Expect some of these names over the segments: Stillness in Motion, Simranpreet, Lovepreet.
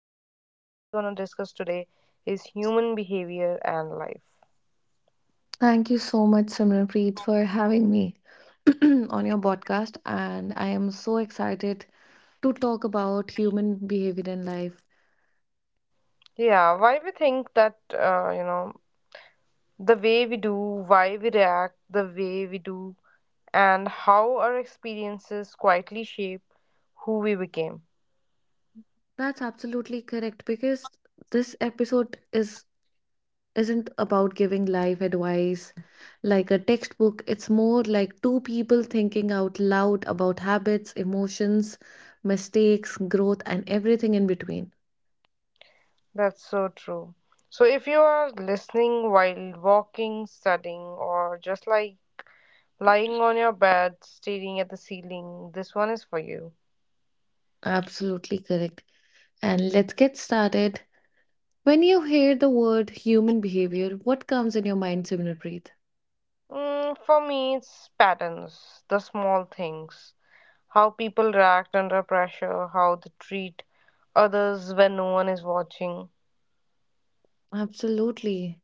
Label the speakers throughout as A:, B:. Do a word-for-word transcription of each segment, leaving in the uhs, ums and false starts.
A: the topic that we're going to discuss today is human behavior and life.
B: Thank you so much, Simranpreet, for having me on your podcast. And I am so excited to talk about human behavior in life.
A: Yeah, why we think that, uh, you know, the way we do, why we react, the way we do, and how our experiences quietly shape who we became.
B: That's absolutely correct because this episode is isn't about giving life advice like a textbook. It's more like two people thinking out loud about habits, emotions, mistakes, growth, and everything in between.
A: That's so true. So, if you are listening while walking, studying, or just like lying on your bed, staring at the ceiling, this one is for you.
B: Absolutely correct. And let's get started. When you hear the word human behavior, what comes in your mind, Simranpreet?
A: Mm, for me, it's patterns, the small things, how people react under pressure, how they treat others when no one is watching.
B: Absolutely.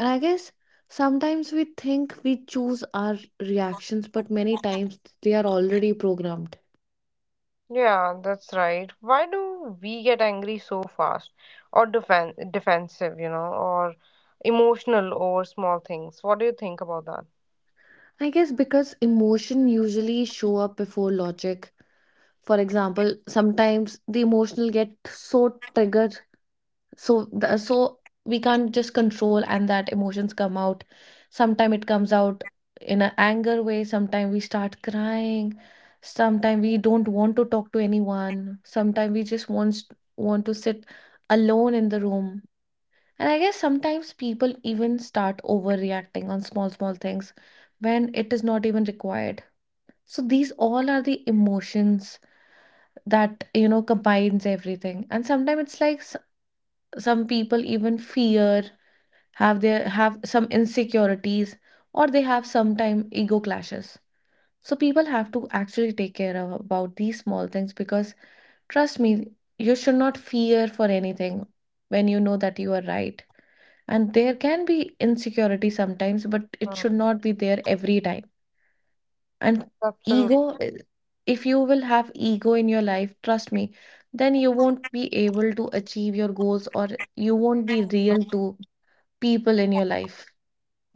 B: And I guess sometimes we think we choose our reactions, but many times they are already programmed.
A: Yeah, that's right. Why do we get angry so fast or defen defensive, you know, or emotional over small things? What do you think about that?
B: I guess because emotion usually show up before logic. For example, sometimes the emotional get so triggered, so the, so we can't just control, and that emotions come out. Sometime it comes out in an anger way. Sometime we start crying. Sometime we don't want to talk to anyone. Sometime we just want want to sit alone in the room. And I guess sometimes people even start overreacting on small small things when it is not even required. So these all are the emotions that you know combines everything. And sometimes it's like s- some people even fear, have their have some insecurities, or they have sometime ego clashes. So people have to actually take care of about these small things because, trust me, you should not fear for anything when you know that you are right. And there can be insecurity sometimes, but it should
A: Mm.
B: not be there every time. And
A: Absolutely.
B: ego, if you will have ego in your life, trust me, then you won't be able to achieve your goals, or you won't be real to people in your life.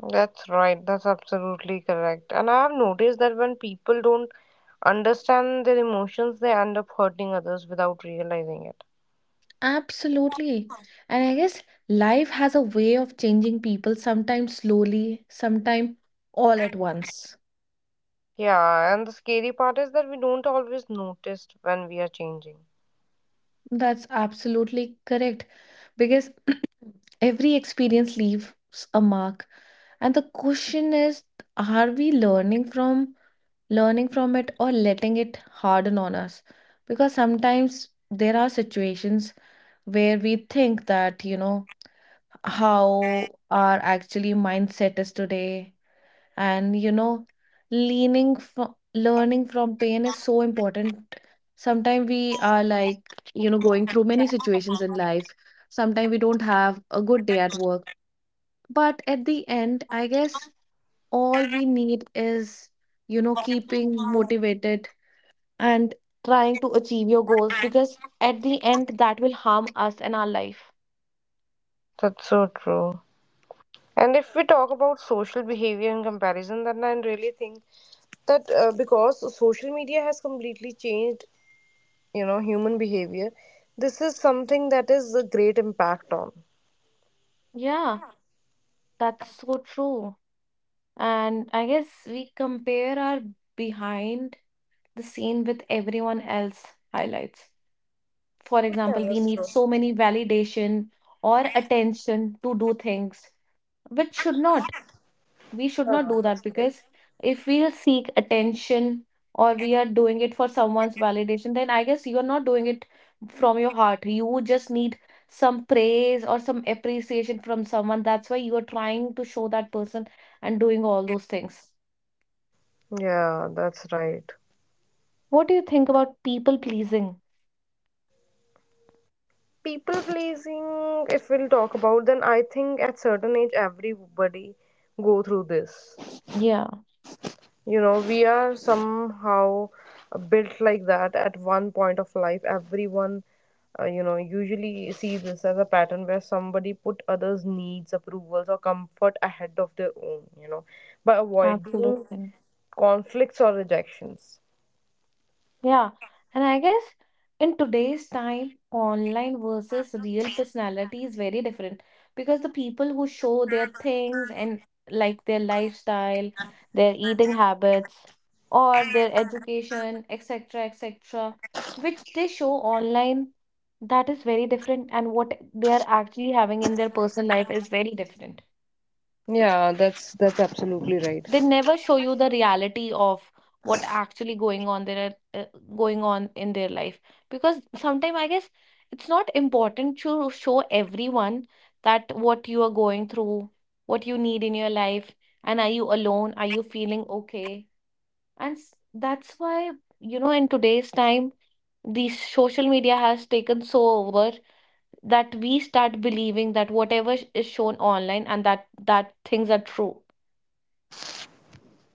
A: That's right. That's absolutely correct. And I have noticed that when people don't understand their emotions, they end up hurting others without realizing it.
B: Absolutely. And I guess life has a way of changing people, sometimes slowly, sometimes all at once.
A: Yeah, and the scary part is that we don't always notice when we are changing.
B: That's absolutely correct. Because every experience leaves a mark. And the question is, are we learning from learning from it, or letting it harden on us? Because sometimes there are situations where we think that, you know, how our actually mindset is today. And you know leaning from learning from pain is so important. Sometimes we are like, you know going through many situations in life. Sometimes we don't have a good day at work, but at the end I guess all we need is, you know keeping motivated, and trying to achieve your goals, because at the end that will harm us and our life.
A: That's so true. And if we talk about social behavior and comparison, then I really think that uh, because social media has completely changed, you know, human behavior, this is something that is a great impact on.
B: Yeah, that's so true. And I guess we compare our behind the scene with everyone else highlights. For
A: Yeah,
B: example, we
A: that's
B: need
A: true.
B: so many validation or attention to do things, which should not. We should
A: Yeah,
B: not do
A: that's
B: that.
A: right.
B: Because if we'll seek attention, or we are doing it for someone's validation, then I guess you're not doing it from your heart. You just need some praise or some appreciation from someone. That's why you are trying to show that person, and doing all those things.
A: Yeah, that's right.
B: What do you think about people pleasing?
A: People pleasing, if we'll talk about, then I think at certain age everybody go through this.
B: Yeah,
A: You know we are somehow built like that. At one point of life, everyone uh, you know usually see this as a pattern where somebody put others needs approvals or comfort ahead of their own, you know by avoiding
B: absolutely.
A: conflicts or rejections.
B: Yeah, and I guess in today's time, online versus real personality is very different, because the people who show their things and like their lifestyle, their eating habits, or their education, et cetera, et cetera, which they show online, that is very different, and what they are actually having in their personal life is very different.
A: Yeah, that's that's absolutely right.
B: They never show you the reality of what actually going on there, uh, going on in their life. Because sometimes I guess it's not important to show everyone that what you are going through, what you need in your life, and are you alone, are you feeling okay. And s- that's why, you know in today's time, the social media has taken so over that we start believing that whatever is shown online, and that that things are true.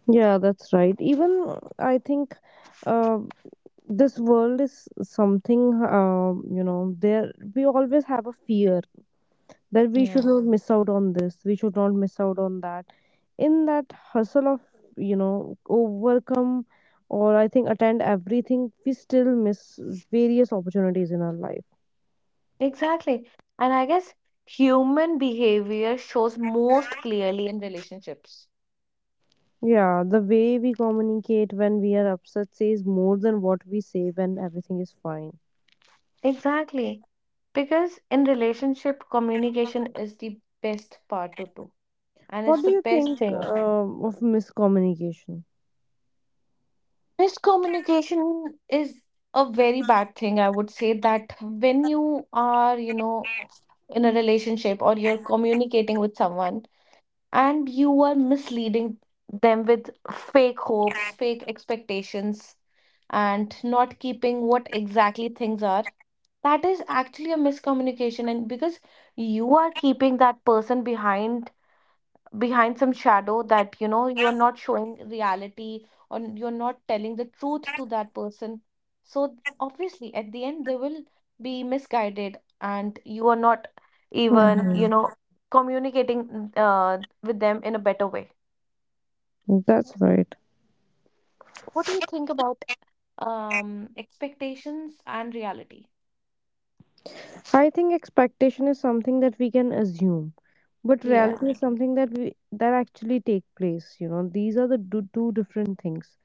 A: Yeah, that's right. Even I think, um, this world is something, um, you know there we always have a fear that we should
B: Yeah.
A: not miss out on this, we should not miss out on that. In that hustle of you know overcome, or I think attend everything, we still miss various opportunities in our life.
B: Exactly. And I guess human behavior shows most clearly in relationships.
A: Yeah, the way we communicate when we are upset says more than what we say when everything is fine.
B: Exactly. Because in relationship, communication is the best part to do. And
A: What
B: it's
A: do
B: the
A: you
B: best
A: think
B: thing.
A: um, of miscommunication?
B: Miscommunication is a very bad thing. I would say that when you are, you know, in a relationship, or you're communicating with someone, and you are misleading them with fake hopes, fake expectations, and not keeping what exactly things are. That is actually a miscommunication, and because you are keeping that person behind behind some shadow, that, you know you are not showing reality, or you're not telling the truth to that person. So obviously at the end they will be misguided, and you are not even, you
A: Mhm.
B: know communicating uh, with them in a better way.
A: That's right.
B: What do you think about, um expectations and reality?
A: I think expectation is something that we can assume, but
B: Yeah.
A: reality is something that we that actually take place. You know, these are the do, two different things.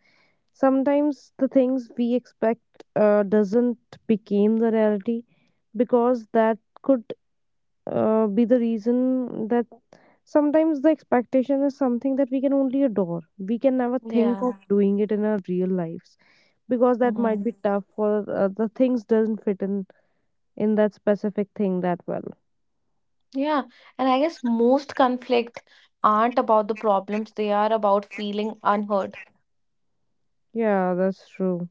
A: Sometimes the things we expect uh, doesn't become the reality, because that could uh, be the reason that sometimes the expectation is something that we can only adore. We can never think
B: Yeah.
A: of doing it in our real lives, because that
B: Hmm.
A: might be tough, or uh, the things doesn't fit in in that specific thing that well.
B: Yeah, and I guess most conflict aren't about the problems, they are about feeling unheard.
A: Yeah, that's true.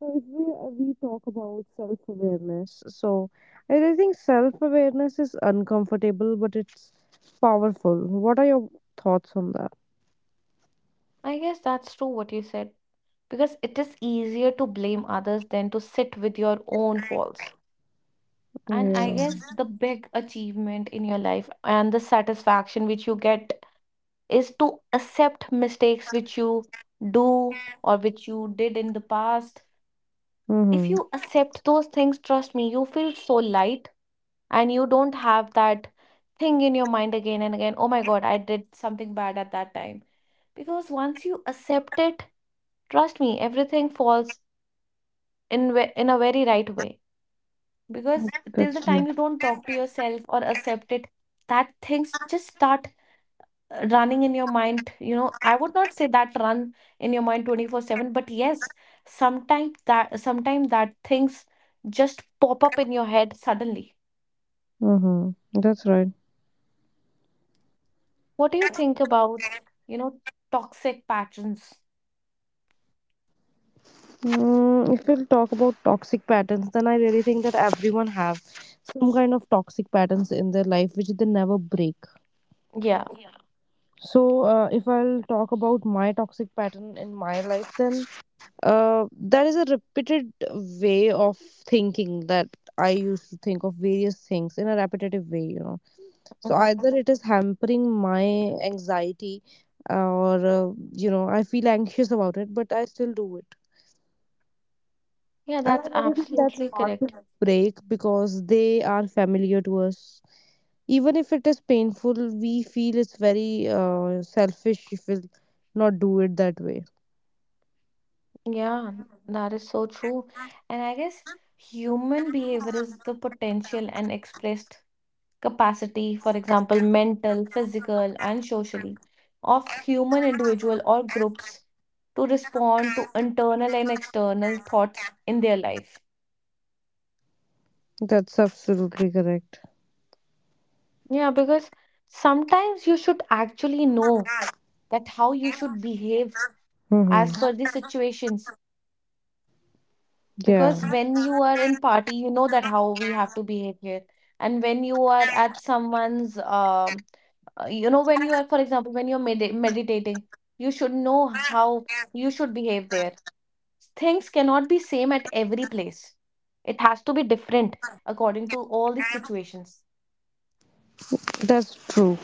A: So if we uh, we talk about self awareness, so I really think self awareness is uncomfortable, but it's powerful. What are your thoughts on that?
B: I guess that's true what you said, because it is easier to blame others than to sit with your own faults. And I
A: Yeah.
B: guess the big achievement in your life and the satisfaction which you get is to accept mistakes which you do, or which you did in the past. If
A: Mm-hmm.
B: you accept those things, trust me, you feel so light, and you don't have that thing in your mind again and again, oh my God, I did something bad at that time. Because once you accept it, trust me, everything falls in ve- in a very right way, because till
A: That's
B: the time
A: true.
B: you don't talk to yourself or accept it, that things just start uh, running in your mind. You know, I would not say that run in your mind twenty four seven, but yes, sometimes that sometimes that things just pop up in your head suddenly.
A: Mm-hmm. That's right.
B: What do you think about, you know, toxic patterns?
A: Mm, if we'll talk about toxic patterns, then I really think that everyone have some kind of toxic patterns in their life which they never break.
B: Yeah.
A: So, uh, if I'll talk about my toxic pattern in my life, then Uh, that is a repeated way of thinking that I used to think of various things in a repetitive way, you know. So either
B: Mhm.
A: it is hampering my anxiety, or uh, you know, I feel anxious about it, but I still do it.
B: Yeah,
A: And I
B: that's
A: really think that's
B: absolutely
A: hard to
B: correct.
A: break because they are familiar to us. Even if it is painful, we feel it's very uh, selfish if we not do it that way.
B: Yeah, that is so true. And I guess human behavior is the potential and expressed capacity, for example, mental, physical, and socially, of human individual or groups to respond to internal and external thoughts in their life.
A: That's absolutely correct.
B: Yeah, because sometimes you should actually know that how you should behave as
A: Mm-hmm.
B: per the situations.
A: Yeah.
B: Because when you are in party, you know that how we have to behave here. And when you are at someone's, um, uh, you know, when you are, for example, when you're med meditating, you should know how you should behave there. Things cannot be same at every place. It has to be different according to all the situations.
A: That's true.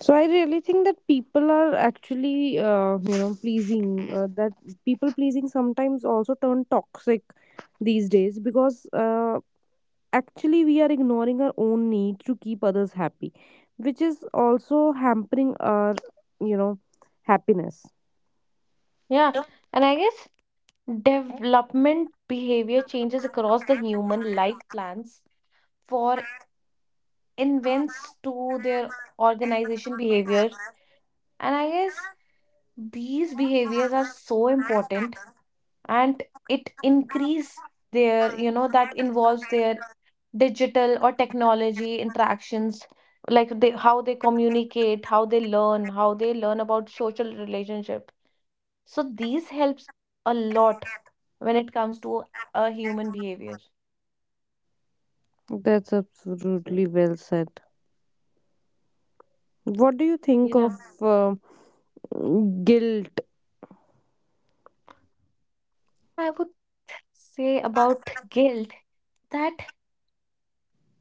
A: So I really think that people are actually, uh, you know, pleasing. Uh, that people pleasing sometimes also turn toxic these days, because uh, actually we are ignoring our own need to keep others happy, which is also hampering our you know, happiness.
B: Yeah, and I guess development behavior changes across the human life plans, for invents to their organization behavior. And I guess these behaviors are so important, and it increase their, you know, that involves their digital or technology interactions, like they, how they communicate, how they learn, how they learn about social relationship, so these helps a lot when it comes to a human behavior.
A: That's absolutely well said. What do you think of
B: Yeah.
A: uh, guilt?
B: I would say about guilt that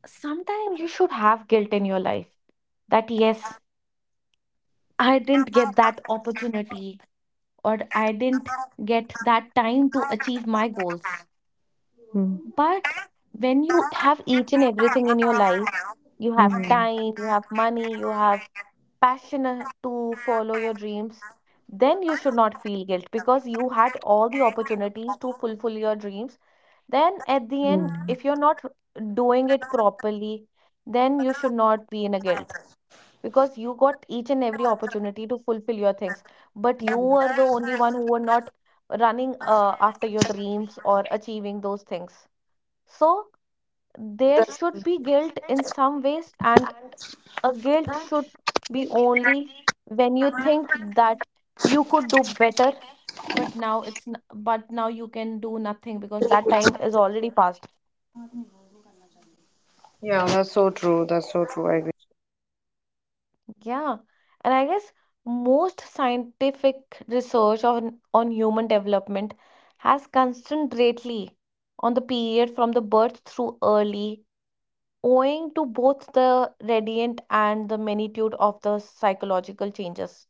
B: sometimes you should have guilt in your life. That yes, I didn't get that opportunity, or I didn't get that time to achieve my goals.
A: Mm-hmm.
B: But when you have each and everything in your life, you have time, you have money, you have passion uh, to follow your dreams, then you should not feel guilt because you had all the opportunities to fulfill your dreams. Then, at the end, if you're not doing it properly, then you should not be in a guilt because you got each and every opportunity to fulfill your things. But you were the only one who were not running uh, after your dreams or achieving those things. So, there should be guilt in some ways, and a guilt should be only when you think that you could do better, but now it's n- but now you can do nothing because that time is already past.
A: Yeah, that's so true. That's so true. I agree.
B: Yeah, and I guess most scientific research on on human development has concentrally on the period from the birth through early, owing to both the gradient and the magnitude of the psychological changes,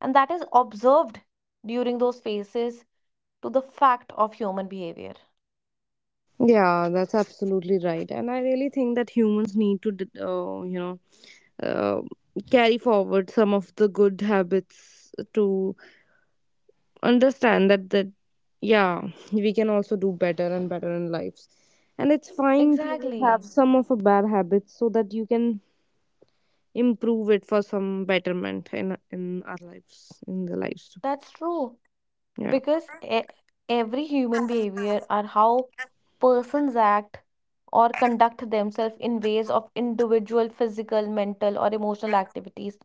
B: and that is observed during those phases to the fact of human behavior.
A: Yeah, that's absolutely right. And I really think that humans need to, d- uh, you know, uh, carry forward some of the good habits to understand that that, yeah, we can also do better and better in lives. And it's fine to have
B: Exactly.
A: some of a bad habits so that you can improve it for some betterment in in our lives, in the lives.
B: That's true.
A: Yeah,
B: Because e- every human behavior are how persons act or conduct themselves in ways of individual physical, mental, or emotional activities,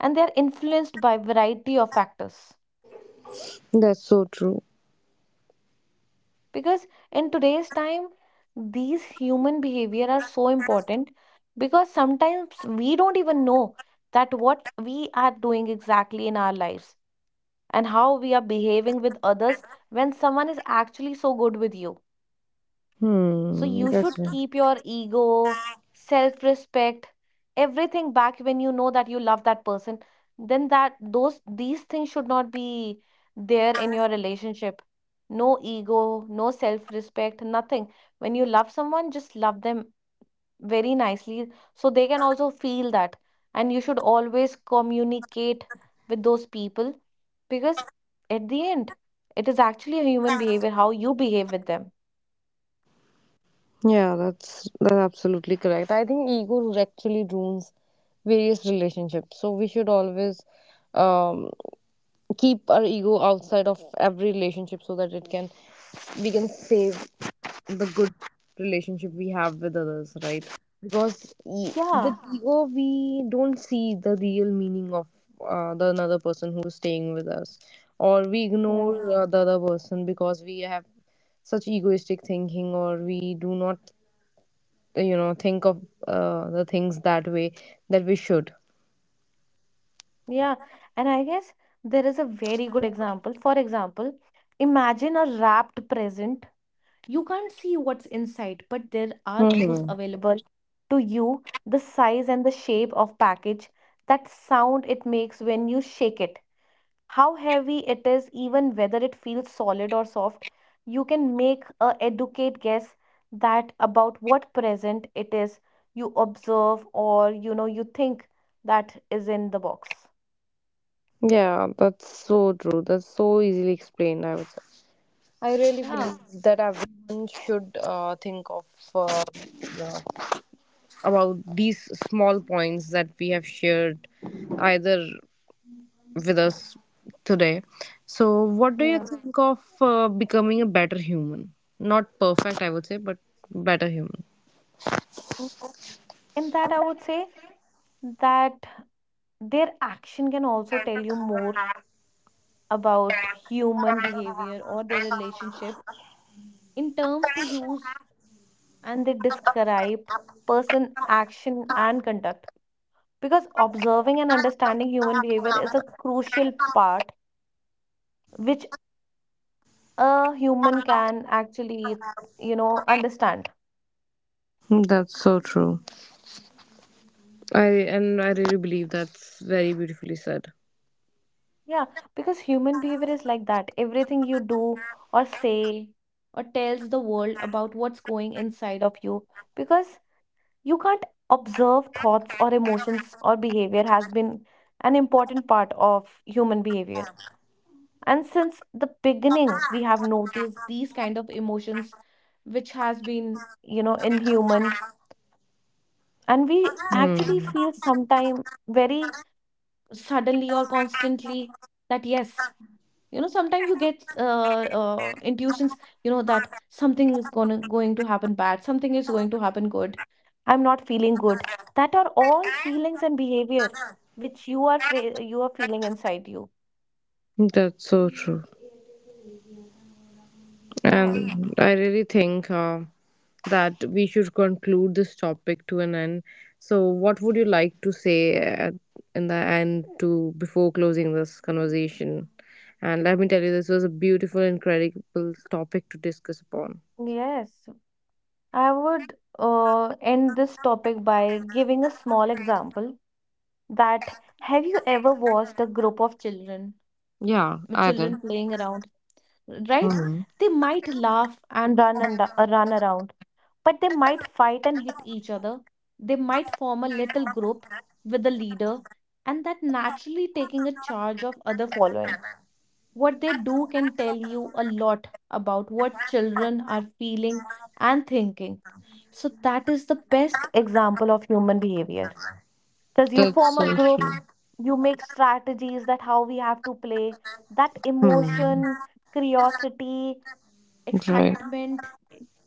B: and they are influenced by variety of factors.
A: that's so true.
B: Because in today's time these human behavior are so important, because sometimes we don't even know that what we are doing exactly in our lives, and how we are behaving with others when someone is actually so good with you. So
A: Hmm,
B: you
A: that's
B: should
A: right.
B: keep your ego, self respect, everything back when you know that you love that person. Then that those these things should not be there in your relationship. No ego, no self respect, nothing. When you love someone, just love them very nicely so they can also feel that. And you should always communicate with those people, because at the end, it is actually a human behavior how you behave with them.
A: Yeah, that's that's absolutely correct. I think ego actually ruins various relationships. So we should always um, keep our ego outside of every relationship, so that it can we can save the good relationship we have with others, right? Because e-
B: Yeah.
A: with ego we don't see the real meaning of uh, the another person who is staying with us, or we
B: Yeah.
A: ignore uh, the other person because we have such egoistic thinking, or we do not you know think of uh, the things that way that we should.
B: Yeah, and I guess there is a very good example. For example, imagine a wrapped present. You can't see what's inside, but there are clues
A: Hmm.
B: available to you, the size and the shape of package, that sound it makes when you shake it, how heavy it is, even whether it feels solid or soft. You can make a educate guess that about what present it is you observe, or you know you think that is in the box.
A: Yeah, that's so true. That's so easily explained, I would say. I really
B: Yeah.
A: believe that everyone should uh, think of uh, uh, about these small points that we have shared either with us today. So what do you
B: Yeah.
A: think of uh, becoming a better human, not perfect I would say, but better human?
B: Mm. In that, I would say that their action can also tell you more about human behavior or their relationship in terms to use, and they describe person action and conduct. Because observing and understanding human behavior is a crucial part which a human can actually, you know, understand.
A: That's so true. I and I really believe that's very beautifully said.
B: Yeah, because human behavior is like that. Everything you do or say or tells the world about what's going inside of you, because you can't observe thoughts or emotions or behavior has been an important part of human behavior. And since the beginning, we have noticed these kind of emotions which has been, you know, inhuman, and we
A: Hmm.
B: actually feel sometime very suddenly or constantly that yes. You know, sometimes you get uh, uh, intuitions, you know, that something is gonna going to happen bad, something is going to happen good. I'm not feeling good. That are all feelings and behavior which you are fe- you are feeling inside you.
A: That's so true.
B: Yeah.
A: And I really think uh, that we should conclude this topic to an end. So, what would you like to say at, in the end to before closing this conversation? And let me tell you, this was a beautiful, incredible topic to discuss upon.
B: Yes. I would uh, end this topic by giving a small example, that have you ever watched a group of children
A: Yeah, I did.
B: children playing around, right?
A: Hmm.
B: They might laugh and run and run around. But they might fight and hit each other. They might form a little group with a leader, and that naturally taking a charge of other following. What they do can tell you a lot about what children are feeling and thinking. So, that is the best example of human behavior. Because you
A: That's
B: form a
A: so
B: group,
A: true.
B: you make strategies that how we have to play, that
A: Hmm.
B: emotion, curiosity,
A: Right.
B: excitement,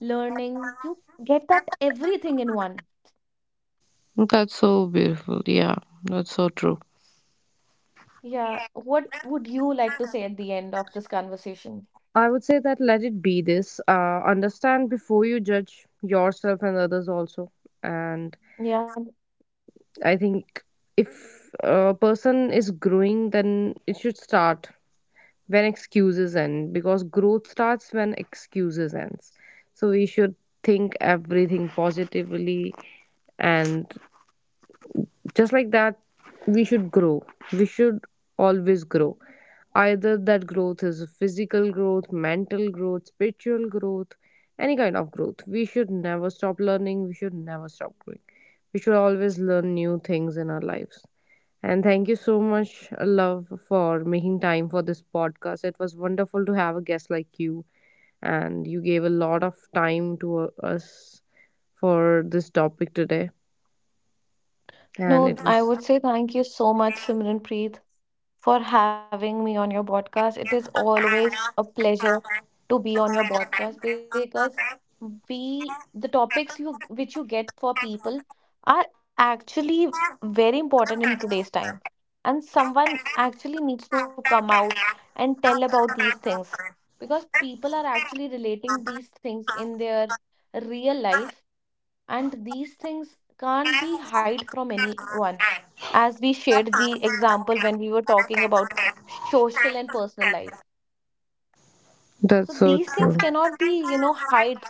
B: learning. You get that everything in one.
A: That's so beautiful. Yeah, that's so true.
B: Yeah. What would you like to say at the end of this conversation?
A: I would say that let it be this. Uh, understand before you judge yourself and others also. And
B: Yeah.
A: I think if a person is growing, then it should start when excuses end, because growth starts when excuses ends. So we should think everything positively, and just like that we should grow. We should always grow, either that growth is physical growth, mental growth, spiritual growth, any kind of growth. We should never stop learning, we should never stop growing, we should always learn new things in our lives. And thank you so much, Love, for making time for this podcast. It was wonderful to have a guest like you, and you gave a lot of time to uh, us for this topic today, and
B: No,
A: it
B: I
A: was.
B: would say thank you so much, Simran Preet, for having me on your podcast. It is always a pleasure to be on your podcast because we the topics you which you get for people are actually very important in today's time, and someone actually needs to come out and tell about these things because people are actually relating these things in their real life. And these things can't be hide from anyone, as we shared the example when we were talking about social and personal life.
A: That's
B: So
A: so
B: these
A: true.
B: things cannot be, you know hide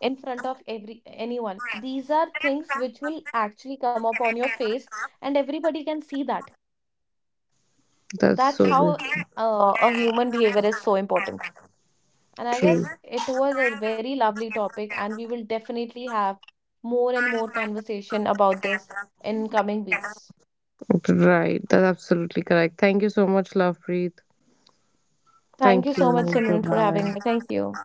B: in front of every anyone. These are things which will actually come up on your face, and everybody can see that.
A: That's so
B: That's
A: good.
B: how uh, a human behavior is so important. And I
A: True.
B: guess it was a very lovely topic, and we will definitely have more and more conversation about this in coming weeks.
A: Right. That's absolutely correct. Thank you so much, Lovepreet.
B: Thank you
A: Thank
B: so much,
A: you. Bye
B: Simran, for having
A: bye.
B: me. Thank you.